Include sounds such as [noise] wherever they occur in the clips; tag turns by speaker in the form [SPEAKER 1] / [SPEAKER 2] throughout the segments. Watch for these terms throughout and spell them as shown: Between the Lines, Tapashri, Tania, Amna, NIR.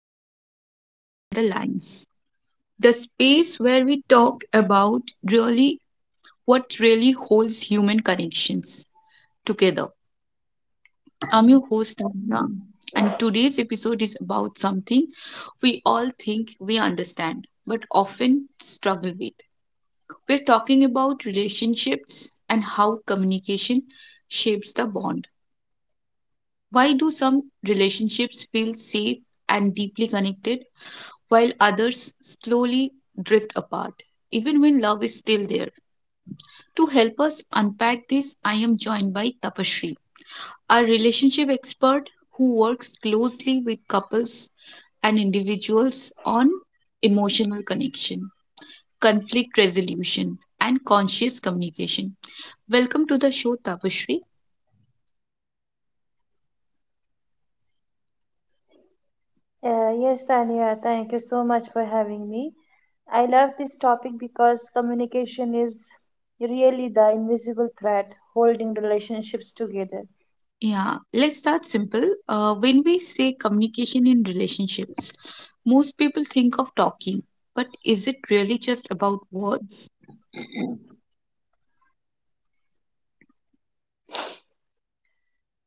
[SPEAKER 1] and welcome to Between the Lines, the space where we talk about really what really holds human connections together. I'm your host, Amna, and today's episode is about something we all think we understand but often struggle with. We're talking about relationships and how communication shapes the bond. Why do some relationships feel safe and deeply connected, while others slowly drift apart, even when love is still there? To help us unpack this, I am joined by Tapashri, our relationship expert who works closely with couples and individuals on emotional connection, conflict resolution, and conscious communication. Welcome to the show, Tapashri.
[SPEAKER 2] Yes, Tania, thank you so much for having me. I love this topic because communication is really the invisible thread holding relationships together.
[SPEAKER 1] Yeah, let's start simple. When we say communication in relationships, most people think of talking, but is it really just about words?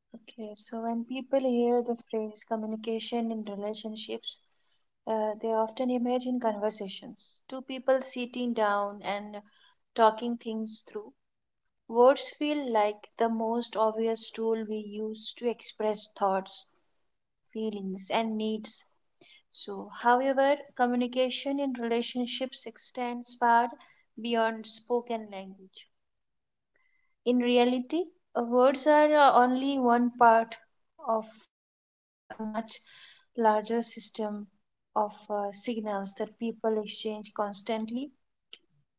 [SPEAKER 2] Okay, so when people hear the phrase communication in relationships, they often imagine conversations. Two people sitting down and talking things through. Words feel like the most obvious tool we use to express thoughts, feelings, and needs. So, however, communication in relationships extends far beyond spoken language. In reality, words are only one part of a much larger system of signals that people exchange constantly,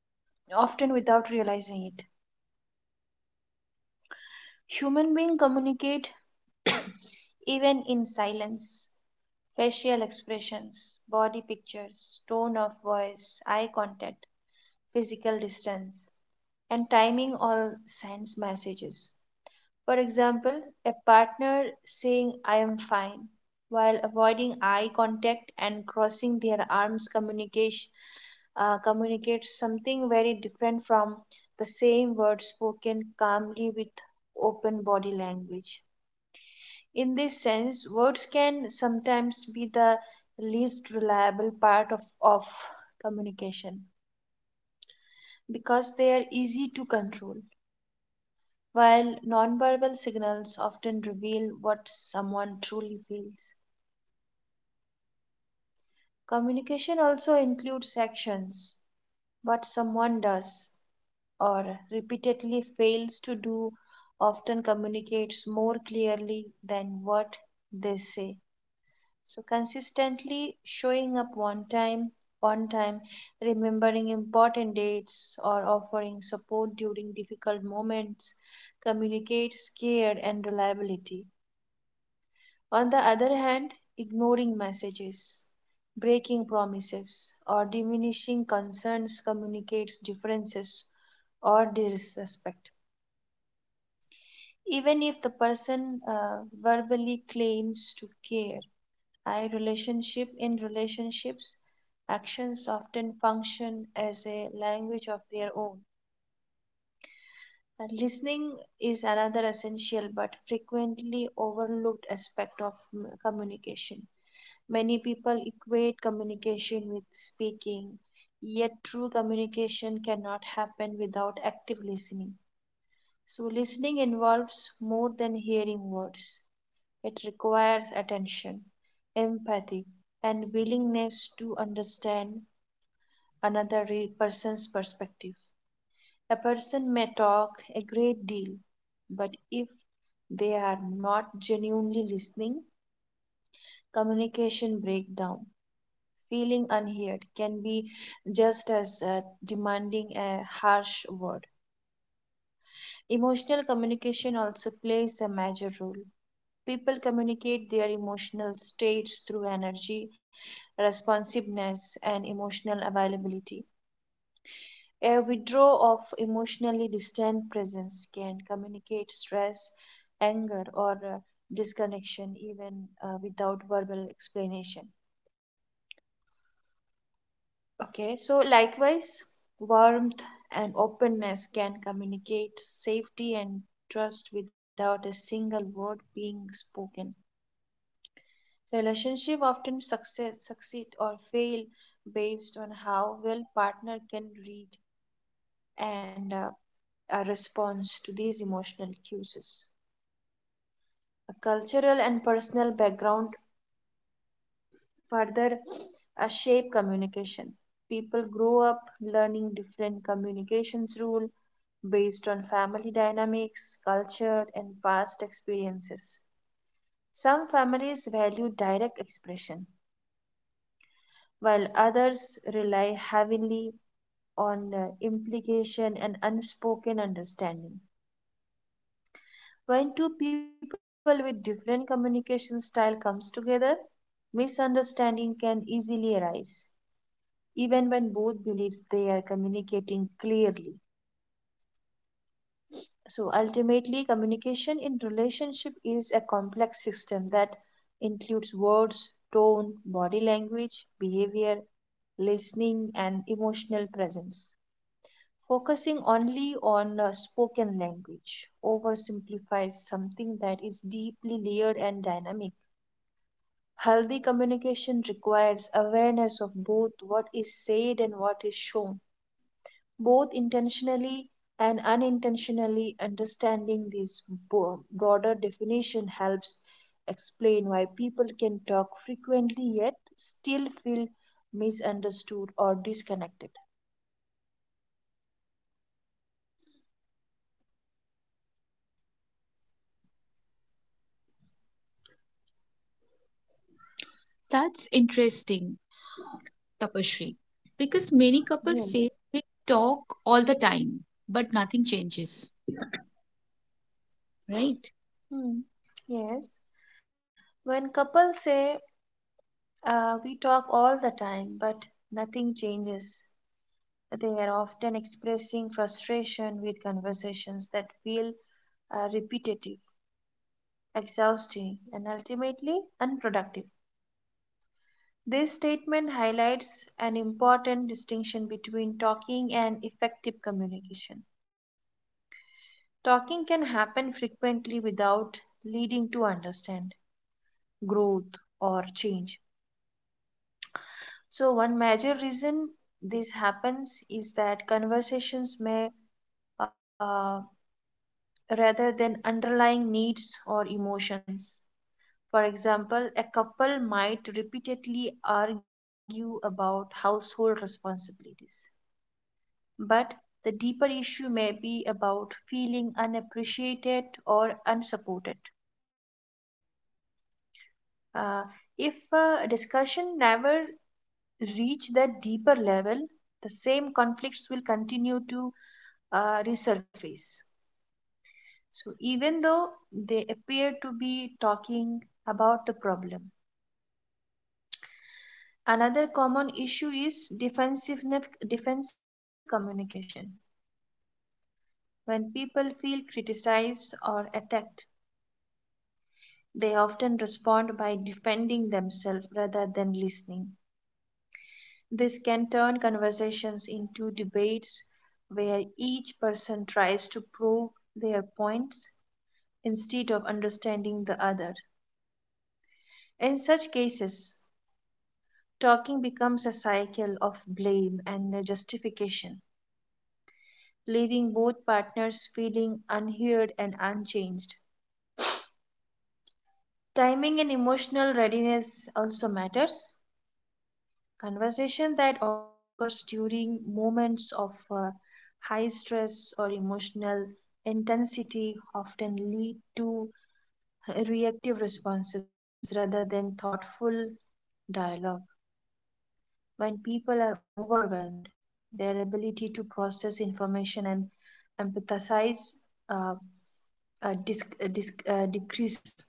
[SPEAKER 2] often without realizing it. Human beings communicate even in silence. Facial expressions, body pictures, tone of voice, eye contact, physical distance and timing all sends messages. For example, a partner saying, I am fine, while avoiding eye contact and crossing their arms communicates something very different from the same word spoken calmly with open body language. In this sense, words can sometimes be the least reliable part of communication because they are easy to control. While nonverbal signals often reveal what someone truly feels, communication also includes actions. What someone does or repeatedly fails to do often communicates more clearly than what they say. So, consistently showing up one time, on time, remembering important dates, or offering support during difficult moments communicates care and reliability. On the other hand, ignoring messages, breaking promises, or diminishing concerns communicates differences or disrespect. Even if the person verbally claims to care, I relationship in relationships, actions often function as a language of their own. And listening is another essential but frequently overlooked aspect of communication. Many people equate communication with speaking, yet true communication cannot happen without active listening. So, listening involves more than hearing words, it requires attention, empathy, and willingness to understand another person's perspective. A person may talk a great deal, but if they are not genuinely listening, communication breaks down. Feeling unheard can be just as demanding a harsh word. Emotional communication also plays a major role. People communicate their emotional states through energy, responsiveness, and emotional availability. A withdrawal of emotionally distant presence can communicate stress, anger, or disconnection even without verbal explanation. Okay, so likewise, warmth and openness can communicate safety and trust without a single word being spoken. Relationship often succeed or fail based on how well partner can read and a response to these emotional cues. A cultural and personal background further shape communication. People grow up learning different communications rule based on family dynamics, culture, and past experiences. Some families value direct expression, while others rely heavily on implication and unspoken understanding. When two people with different communication style comes together, misunderstanding can easily arise, even when both believes they are communicating clearly. So ultimately, communication in relationship is a complex system that includes words, tone, body language, behavior, listening, and emotional presence. Focusing only on spoken language oversimplifies something that is deeply layered and dynamic. Healthy communication requires awareness of both what is said and what is shown, both intentionally and unintentionally. Understanding this broader definition helps explain why people can talk frequently yet still feel misunderstood or disconnected.
[SPEAKER 1] That's interesting, Tapashri, because many couples say
[SPEAKER 2] Yes.
[SPEAKER 1] they talk all the time, but nothing changes, right?
[SPEAKER 2] Hmm. Yes, when couples say, we talk all the time but nothing changes, they are often expressing frustration with conversations that feel repetitive, exhausting, and ultimately unproductive. This statement highlights an important distinction between talking and effective communication. Talking can happen frequently without leading to understand, growth, or change. So, one major reason this happens is that conversations may uh, rather than underlying needs or emotions. For example, a couple might repeatedly argue about household responsibilities, but the deeper issue may be about feeling unappreciated or unsupported. Uh, if a discussion never reach that deeper level, the same conflicts will continue to resurface. So even though they appear to be talking about the problem. Another common issue is defensive communication. When people feel criticized or attacked, they often respond by defending themselves rather than listening. This can turn conversations into debates where each person tries to prove their points instead of understanding the other. In such cases, talking becomes a cycle of blame and justification, leaving both partners feeling unheard and unchanged. Timing and emotional readiness also matters. Conversation that occurs during moments of high stress or emotional intensity often lead to reactive responses rather than thoughtful dialogue. When people are overwhelmed, their ability to process information and empathize uh, decreases.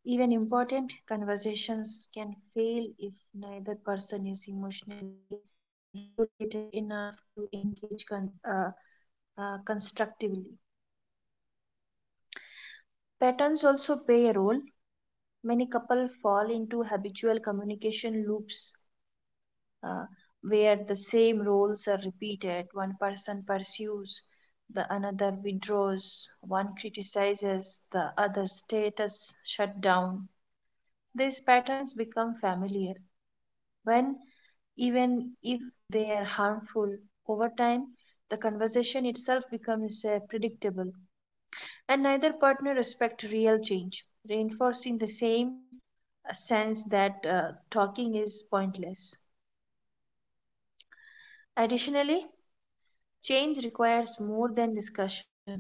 [SPEAKER 2] Even important conversations can fail if neither person is emotionally regulated enough to engage constructively. Patterns also play a role. Many couples fall into habitual communication loops uh, where the same roles are repeated. One person pursues, the another withdraws, one criticizes, the other status shut down. These patterns become familiar, when even if they are harmful over time the conversation itself becomes predictable, and neither partner respect real change, reinforcing the same sense that talking is pointless. Additionally, change requires more than discussion.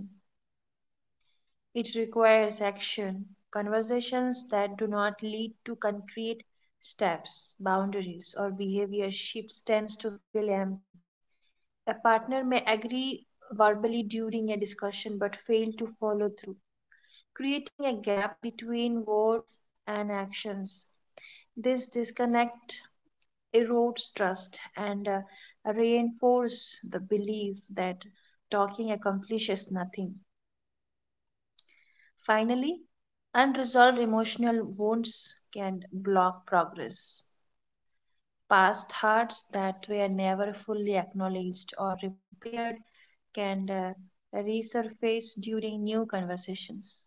[SPEAKER 2] It requires action. Conversations that do not lead to concrete steps, boundaries, or behavior shifts tends to feel empty. A partner may agree verbally during a discussion but fail to follow through, creating a gap between words and actions. This disconnect erodes trust and reinforces the belief that talking accomplishes nothing. Finally, unresolved emotional wounds can block progress. Past hurts that were never fully acknowledged or repaired can resurface during new conversations,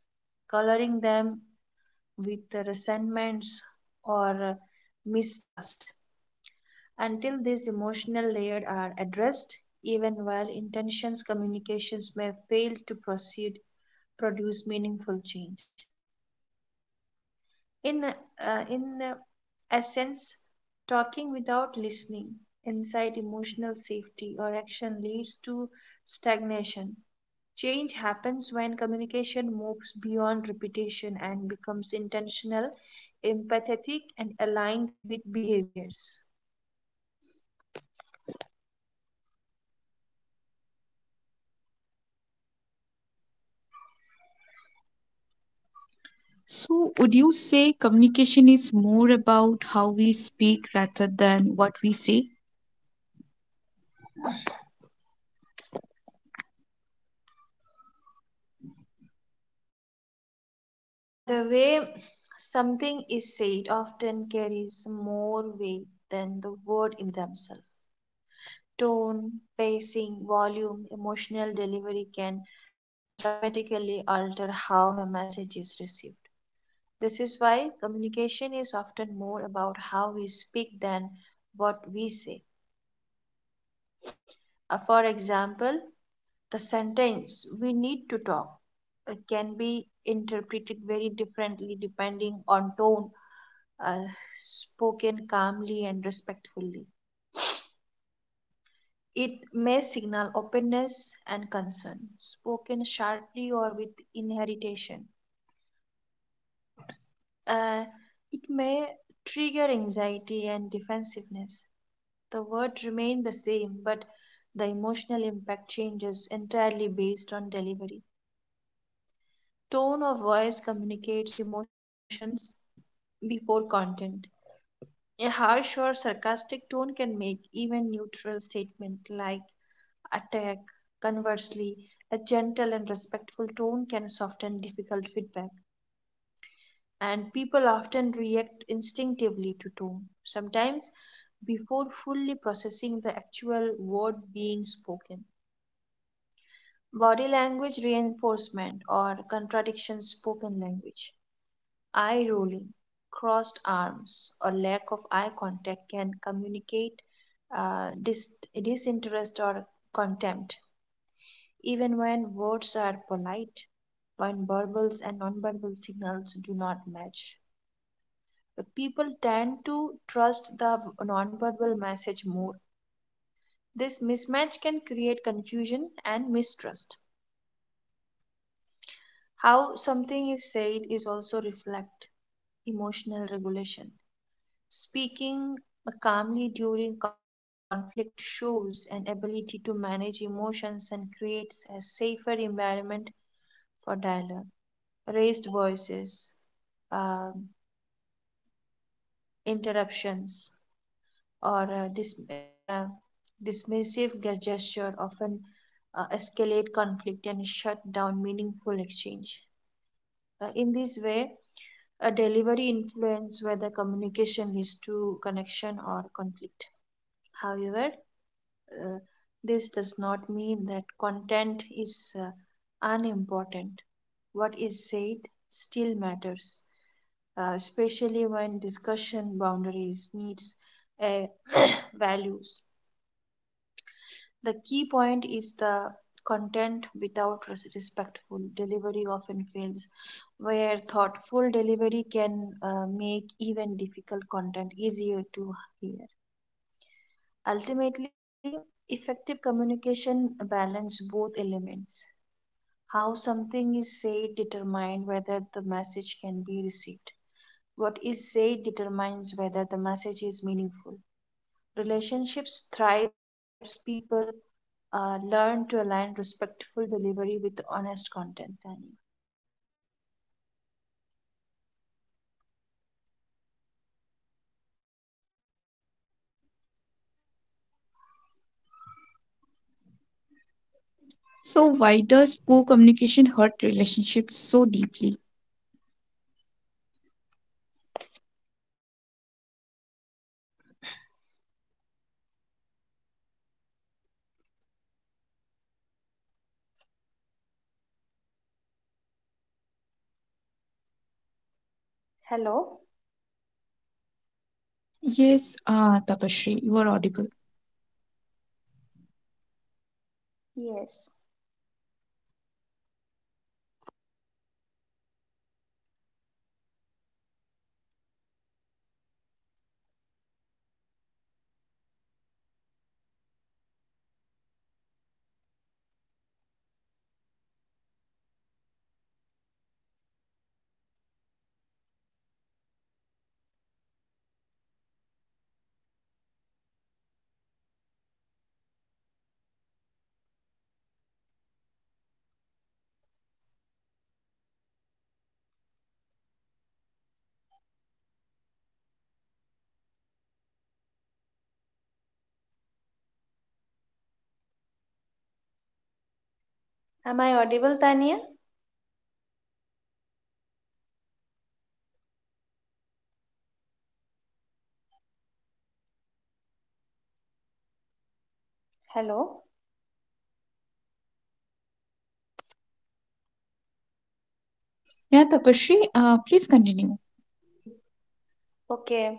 [SPEAKER 2] coloring them with resentments or mistrust. Until these emotional layers are addressed, even well intentions communications may fail to proceed produce meaningful change. In essence, talking without listening inside emotional safety or action leads to stagnation. Change happens when communication moves beyond repetition and becomes intentional, empathetic, and aligned with behaviors.
[SPEAKER 1] So, would you say communication is more about how we speak rather than what we say?
[SPEAKER 2] The way something is said often carries more weight than the word in themselves. Tone, pacing, volume, emotional delivery can dramatically alter how a message is received. This is why communication is often more about how we speak than what we say. For example, the sentence, we need to talk, can be interpreted very differently depending on tone. uh, Spoken calmly and respectfully, it may signal openness and concern. Spoken sharply or with inheritation, Uh, it may trigger anxiety and defensiveness. The word remains the same, but the emotional impact changes entirely based on delivery. Tone of voice communicates emotions before content. A harsh or sarcastic tone can make even neutral statement like attack. Conversely, a gentle and respectful tone can soften difficult feedback, and people often react instinctively to tone, sometimes before fully processing the actual word being spoken. Body language reinforcement or contradiction spoken language, eye rolling, crossed arms, or lack of eye contact can communicate disinterest or contempt. Even when words are polite, when verbals and nonverbal signals do not match, people tend to trust the nonverbal message more. This mismatch can create confusion and mistrust. How something is said is also reflect emotional regulation. Speaking calmly during conflict shows an ability to manage emotions and creates a safer environment for dialogue. Raised voices, um, interruptions, or dismissive gesture often escalate conflict and shut down meaningful exchange. In this way, a delivery influence whether communication leads to connection or conflict. However, uh, this does not mean that content is unimportant. What is said still matters, especially when discussion boundaries, needs, uh, [clears throat] values. The key point is the content without respectful delivery often fails, where thoughtful delivery can make even difficult content easier to hear. Ultimately, effective communication balance both elements. How something is said determine whether the message can be received. What is said determines whether the message is meaningful. Relationships thrives people learn to align respectful delivery with honest content, Tania.
[SPEAKER 1] So, why does poor communication hurt relationships so deeply?
[SPEAKER 2] Hello?
[SPEAKER 1] Yes, Tapashri, you are audible.
[SPEAKER 2] Yes. Am I audible, Tania? Hello?
[SPEAKER 1] Yeah, Tapashri, please continue.
[SPEAKER 2] Okay.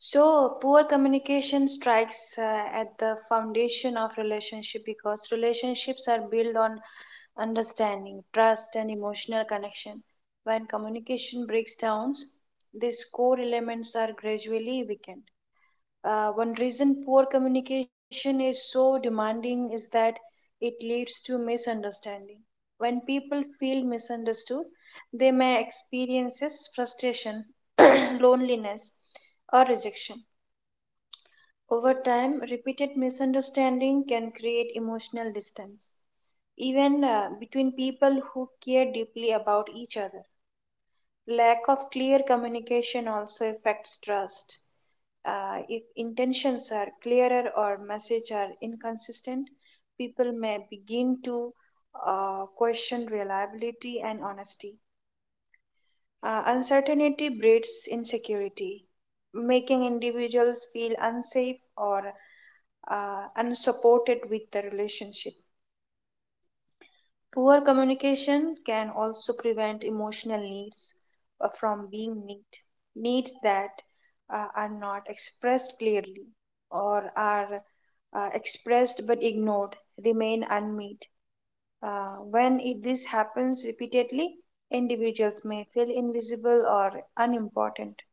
[SPEAKER 2] So, poor communication strikes at the foundation of relationship because relationships are built on understanding, trust, and emotional connection. When communication breaks down, these core elements are gradually weakened. One reason poor communication is so demanding is that it leads to misunderstanding. When people feel misunderstood, they may experience frustration, [clears throat] loneliness, or rejection. Over time, repeated misunderstanding can create emotional distance, even between people who care deeply about each other. Lack of clear communication also affects trust. If intentions are clearer or messages are inconsistent, people may begin to question reliability and honesty. Uncertainty breeds insecurity, making individuals feel unsafe or unsupported with the relationship. Poor communication can also prevent emotional needs from being met, needs that are not expressed clearly or are expressed but ignored remain unmet when this happens repeatedly, individuals may feel invisible or unimportant,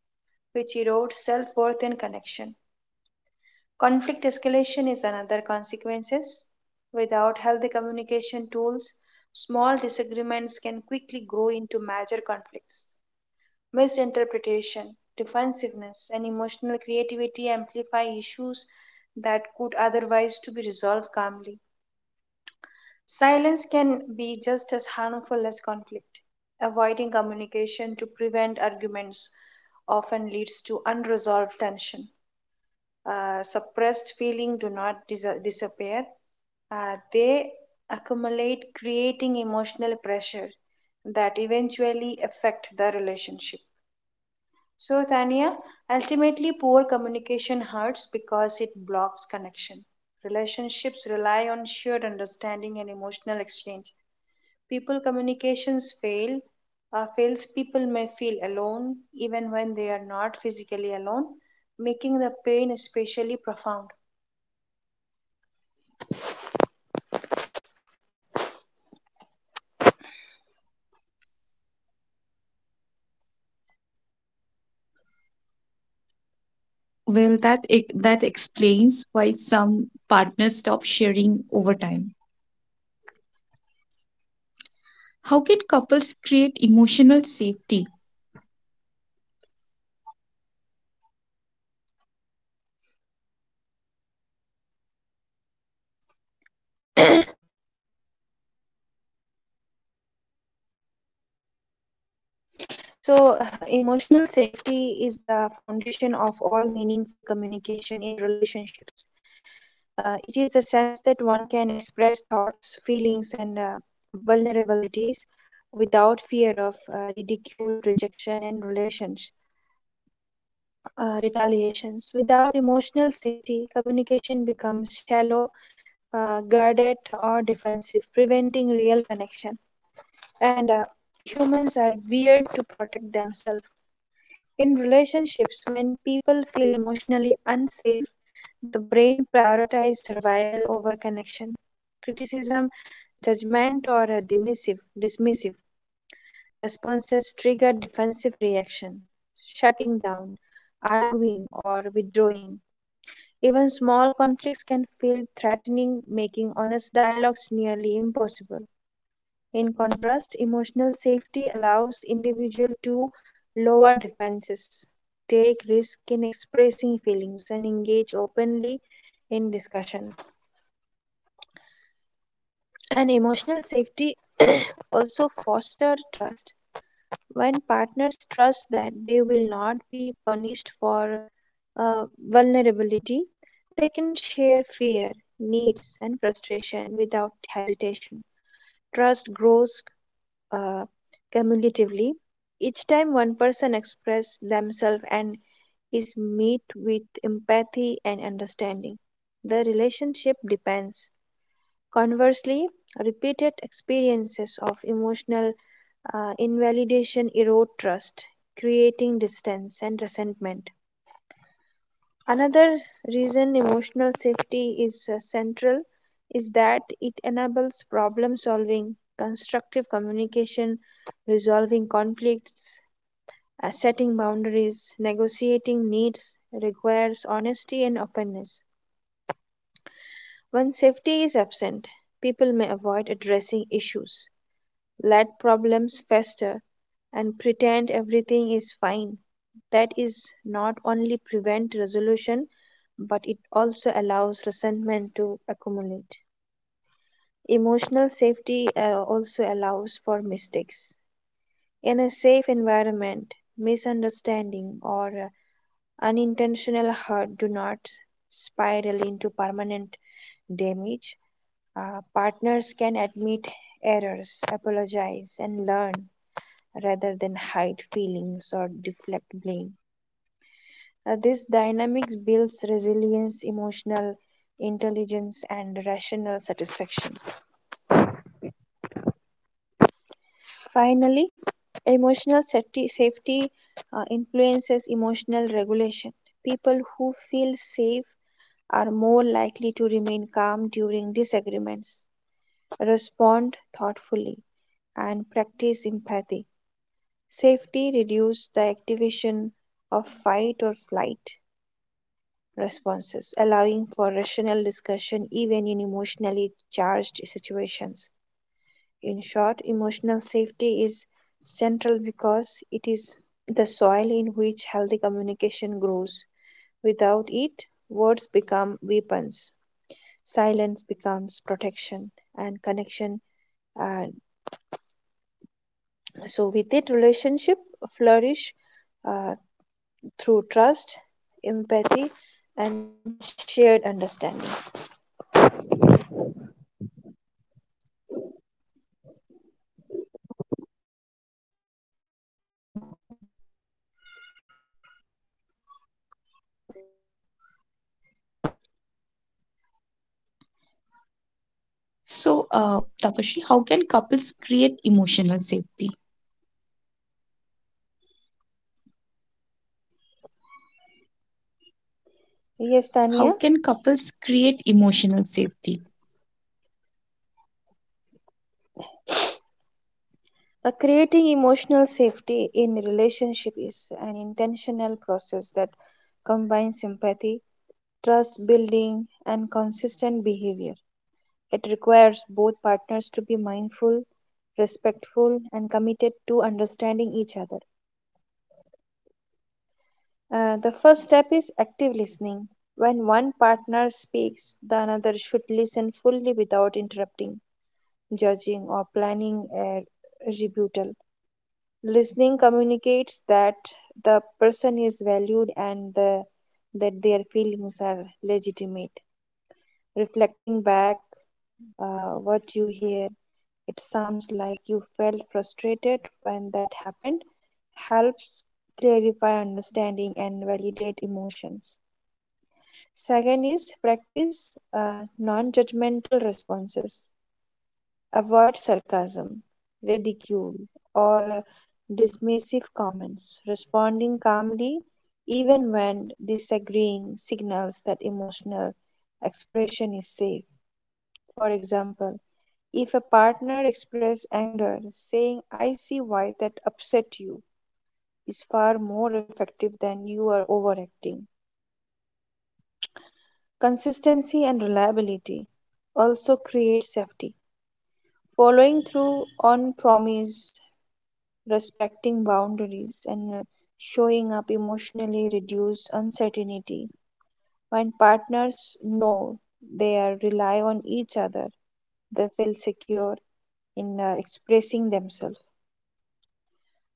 [SPEAKER 2] which erodes self-worth and connection. Conflict escalation is another consequence. Without healthy communication tools, small disagreements can quickly grow into major conflicts. Misinterpretation, defensiveness, and emotional creativity amplify issues that could otherwise to be resolved calmly. Silence can be just as harmful as conflict. Avoiding communication to prevent arguments often leads to unresolved tension. Suppressed feelings do not disappear. They accumulate, creating emotional pressure that eventually affect the relationship. So, Tania, ultimately, poor communication hurts because it blocks connection. Relationships rely on shared understanding and emotional exchange people communications fail fails people may feel alone even when they are not physically alone, making the pain especially profound.
[SPEAKER 1] Well, that explains why some partners stop sharing over time. How can couples create emotional safety?
[SPEAKER 2] So emotional safety is the foundation of all meaningful communication in relationships. It is the sense that one can express thoughts, feelings, and vulnerabilities without fear of ridicule, rejection, and relations. Retaliations. Without emotional safety, communication becomes shallow, guarded, or defensive, preventing real connection. And humans are weird to protect themselves. In relationships, when people feel emotionally unsafe, the brain prioritizes survival over connection. Criticism, judgment, or a dismissive responses trigger defensive reaction, shutting down, arguing, or withdrawing. Even small conflicts can feel threatening, making honest dialogues nearly impossible. In contrast, emotional safety allows individuals to lower defenses, take risk in expressing feelings, and engage openly in discussion. And emotional safety [clears throat] also foster trust. When partners trust that they will not be punished for vulnerability, they can share fear, needs, and frustration without hesitation. Trust grows uh, cumulatively. Each time one person expresses themselves and is met with empathy and understanding, the relationship depends. Conversely, repeated experiences of emotional invalidation erode trust, creating distance and resentment. Another reason emotional safety is central is that it enables problem solving, constructive communication, resolving conflicts, setting boundaries, negotiating needs, requires honesty and openness. When safety is absent, people may avoid addressing issues, let problems fester, and pretend everything is fine. That is not only prevent resolution, but it also allows resentment to accumulate. Emotional safety also allows for mistakes. In a safe environment, misunderstanding or unintentional hurt do not spiral into permanent damage. Partners can admit errors, apologize, and learn rather than hide feelings or deflect blame. This dynamics builds resilience, emotional intelligence, and rational satisfaction. Finally, emotional safety influences emotional regulation. People who feel safe are more likely to remain calm during disagreements, respond thoughtfully, and practice empathy. Safety reduces the activation of fight or flight, responses, allowing for rational discussion even in emotionally charged situations. In short, emotional safety is central because it is the soil in which healthy communication grows. Without it, words become weapons, silence becomes protection, and connection. Uh, so, with it, relationship flourish uh, through trust, empathy, and shared understanding.
[SPEAKER 1] So, Tapashi, how can couples create emotional safety?
[SPEAKER 2] Yes,
[SPEAKER 1] How
[SPEAKER 2] Tania.
[SPEAKER 1] can couples create emotional safety?
[SPEAKER 2] Creating emotional safety in relationship is an intentional process that combines empathy, trust building, and consistent behavior. It requires both partners to be mindful, respectful, and committed to understanding each other. The first step is active listening. When one partner speaks, the another should listen fully without interrupting, judging, or planning a rebuttal. Listening communicates that the person is valued and the, that their feelings are legitimate. Reflecting back what you hear, it sounds like you felt frustrated when that happened, helps clarify understanding and validate emotions. Second is practice non judgmental responses. Avoid sarcasm, ridicule, or dismissive comments. Responding calmly, even when disagreeing, signals that emotional expression is safe. For example, if a partner expresses anger, saying, I see why that upset you, is far more effective than you are overacting. Consistency and reliability also create safety. Following through on promise, respecting boundaries, and showing up emotionally reduce uncertainty. When partners know they are rely on each other, they feel secure in expressing themselves.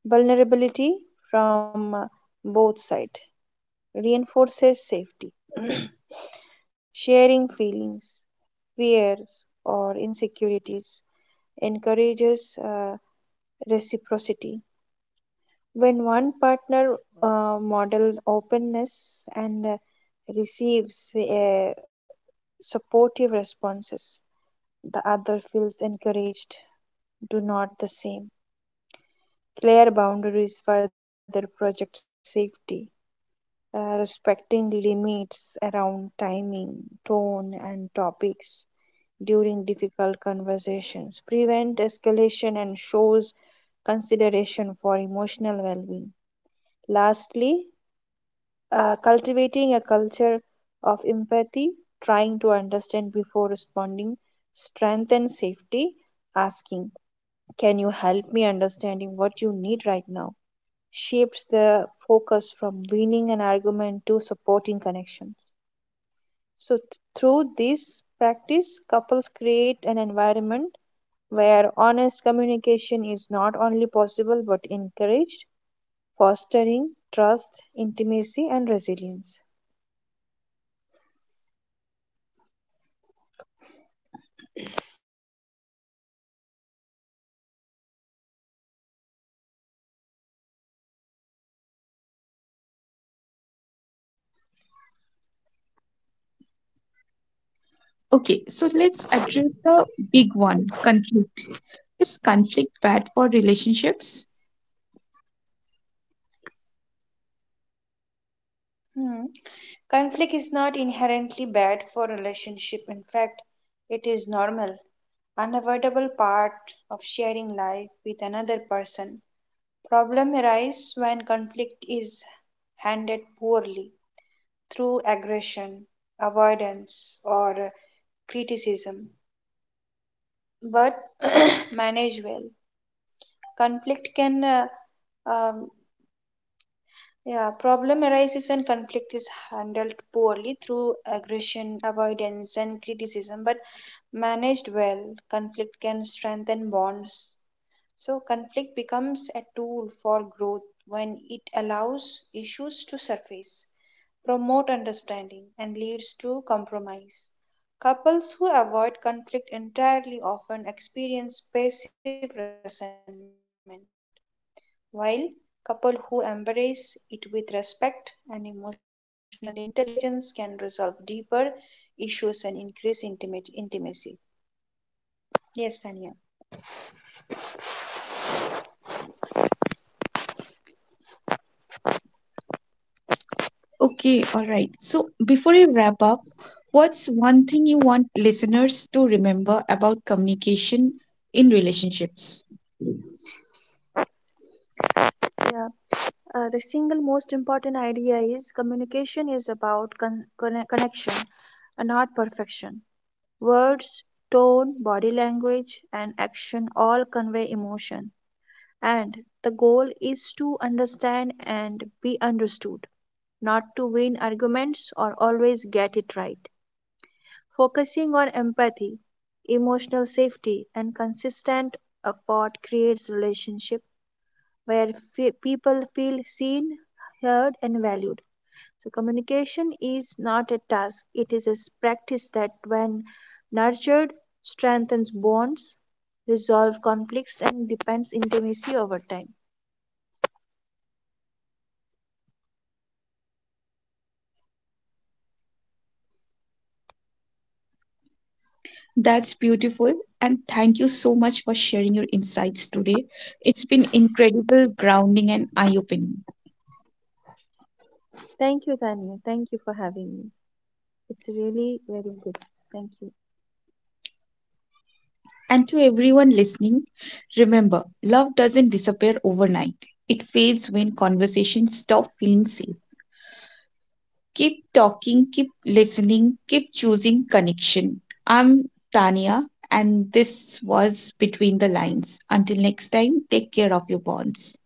[SPEAKER 2] Vulnerability from both sides reinforces safety. [clears throat] Sharing feelings, fears, or insecurities encourages uh, reciprocity. When one partner models openness and receives supportive responses, the other feels encouraged. Do not the same. Clear boundaries further project safety. Respecting limits around timing, tone, and topics during difficult conversations, prevent escalation, and shows consideration for emotional well being. Lastly, cultivating a culture of empathy, trying to understand before responding, strength and safety, asking, Can you help me understanding what you need right now? Shapes the focus from winning an argument to supporting connections. So, through this practice, couples create an environment where honest communication is not only possible but encouraged, fostering trust, intimacy, and resilience.
[SPEAKER 1] Okay, so let's address the big one, conflict. Is conflict bad for relationships?
[SPEAKER 2] Hmm. Conflict is not inherently bad for relationship. In fact, it is normal, unavoidable part of sharing life with another person. Problem arise when conflict is handled poorly through aggression, avoidance, or criticism, but [clears throat] manage well. Conflict can um, Yeah, problem arises when conflict is handled poorly through aggression, avoidance, and criticism, but managed well, conflict can strengthen bonds. So, conflict becomes a tool for growth when it allows issues to surface, promote understanding, and leads to compromise. Couples who avoid conflict entirely often experience passive resentment, while couple who embrace it with respect and emotional intelligence can resolve deeper issues and increase intimate intimacy. Yes, Tanya.
[SPEAKER 1] Okay, all right. So before we wrap up, what's one thing you want listeners to remember about communication in relationships?
[SPEAKER 2] Yeah, the single most important idea is communication is about connection, and not perfection. Words, tone, body language, and action all convey emotion. And the goal is to understand and be understood, not to win arguments or always get it right. Focusing on empathy, emotional safety, and consistent effort creates relationship where people feel seen, heard, and valued. So communication is not a task; it is a practice that, when nurtured, strengthens bonds, resolve conflicts, and deepens intimacy over time.
[SPEAKER 1] That's beautiful. And thank you so much for sharing your insights today. It's been incredible, grounding, and eye-opening.
[SPEAKER 2] Thank you, Tanya. Thank you for having me. It's really very good. Thank you.
[SPEAKER 1] And to everyone listening, remember, love doesn't disappear overnight. It fades when conversations stop feeling safe. Keep talking, keep listening, keep choosing connection. I'm Tania, and this was Between the Lines. Until next time, take care of your bonds.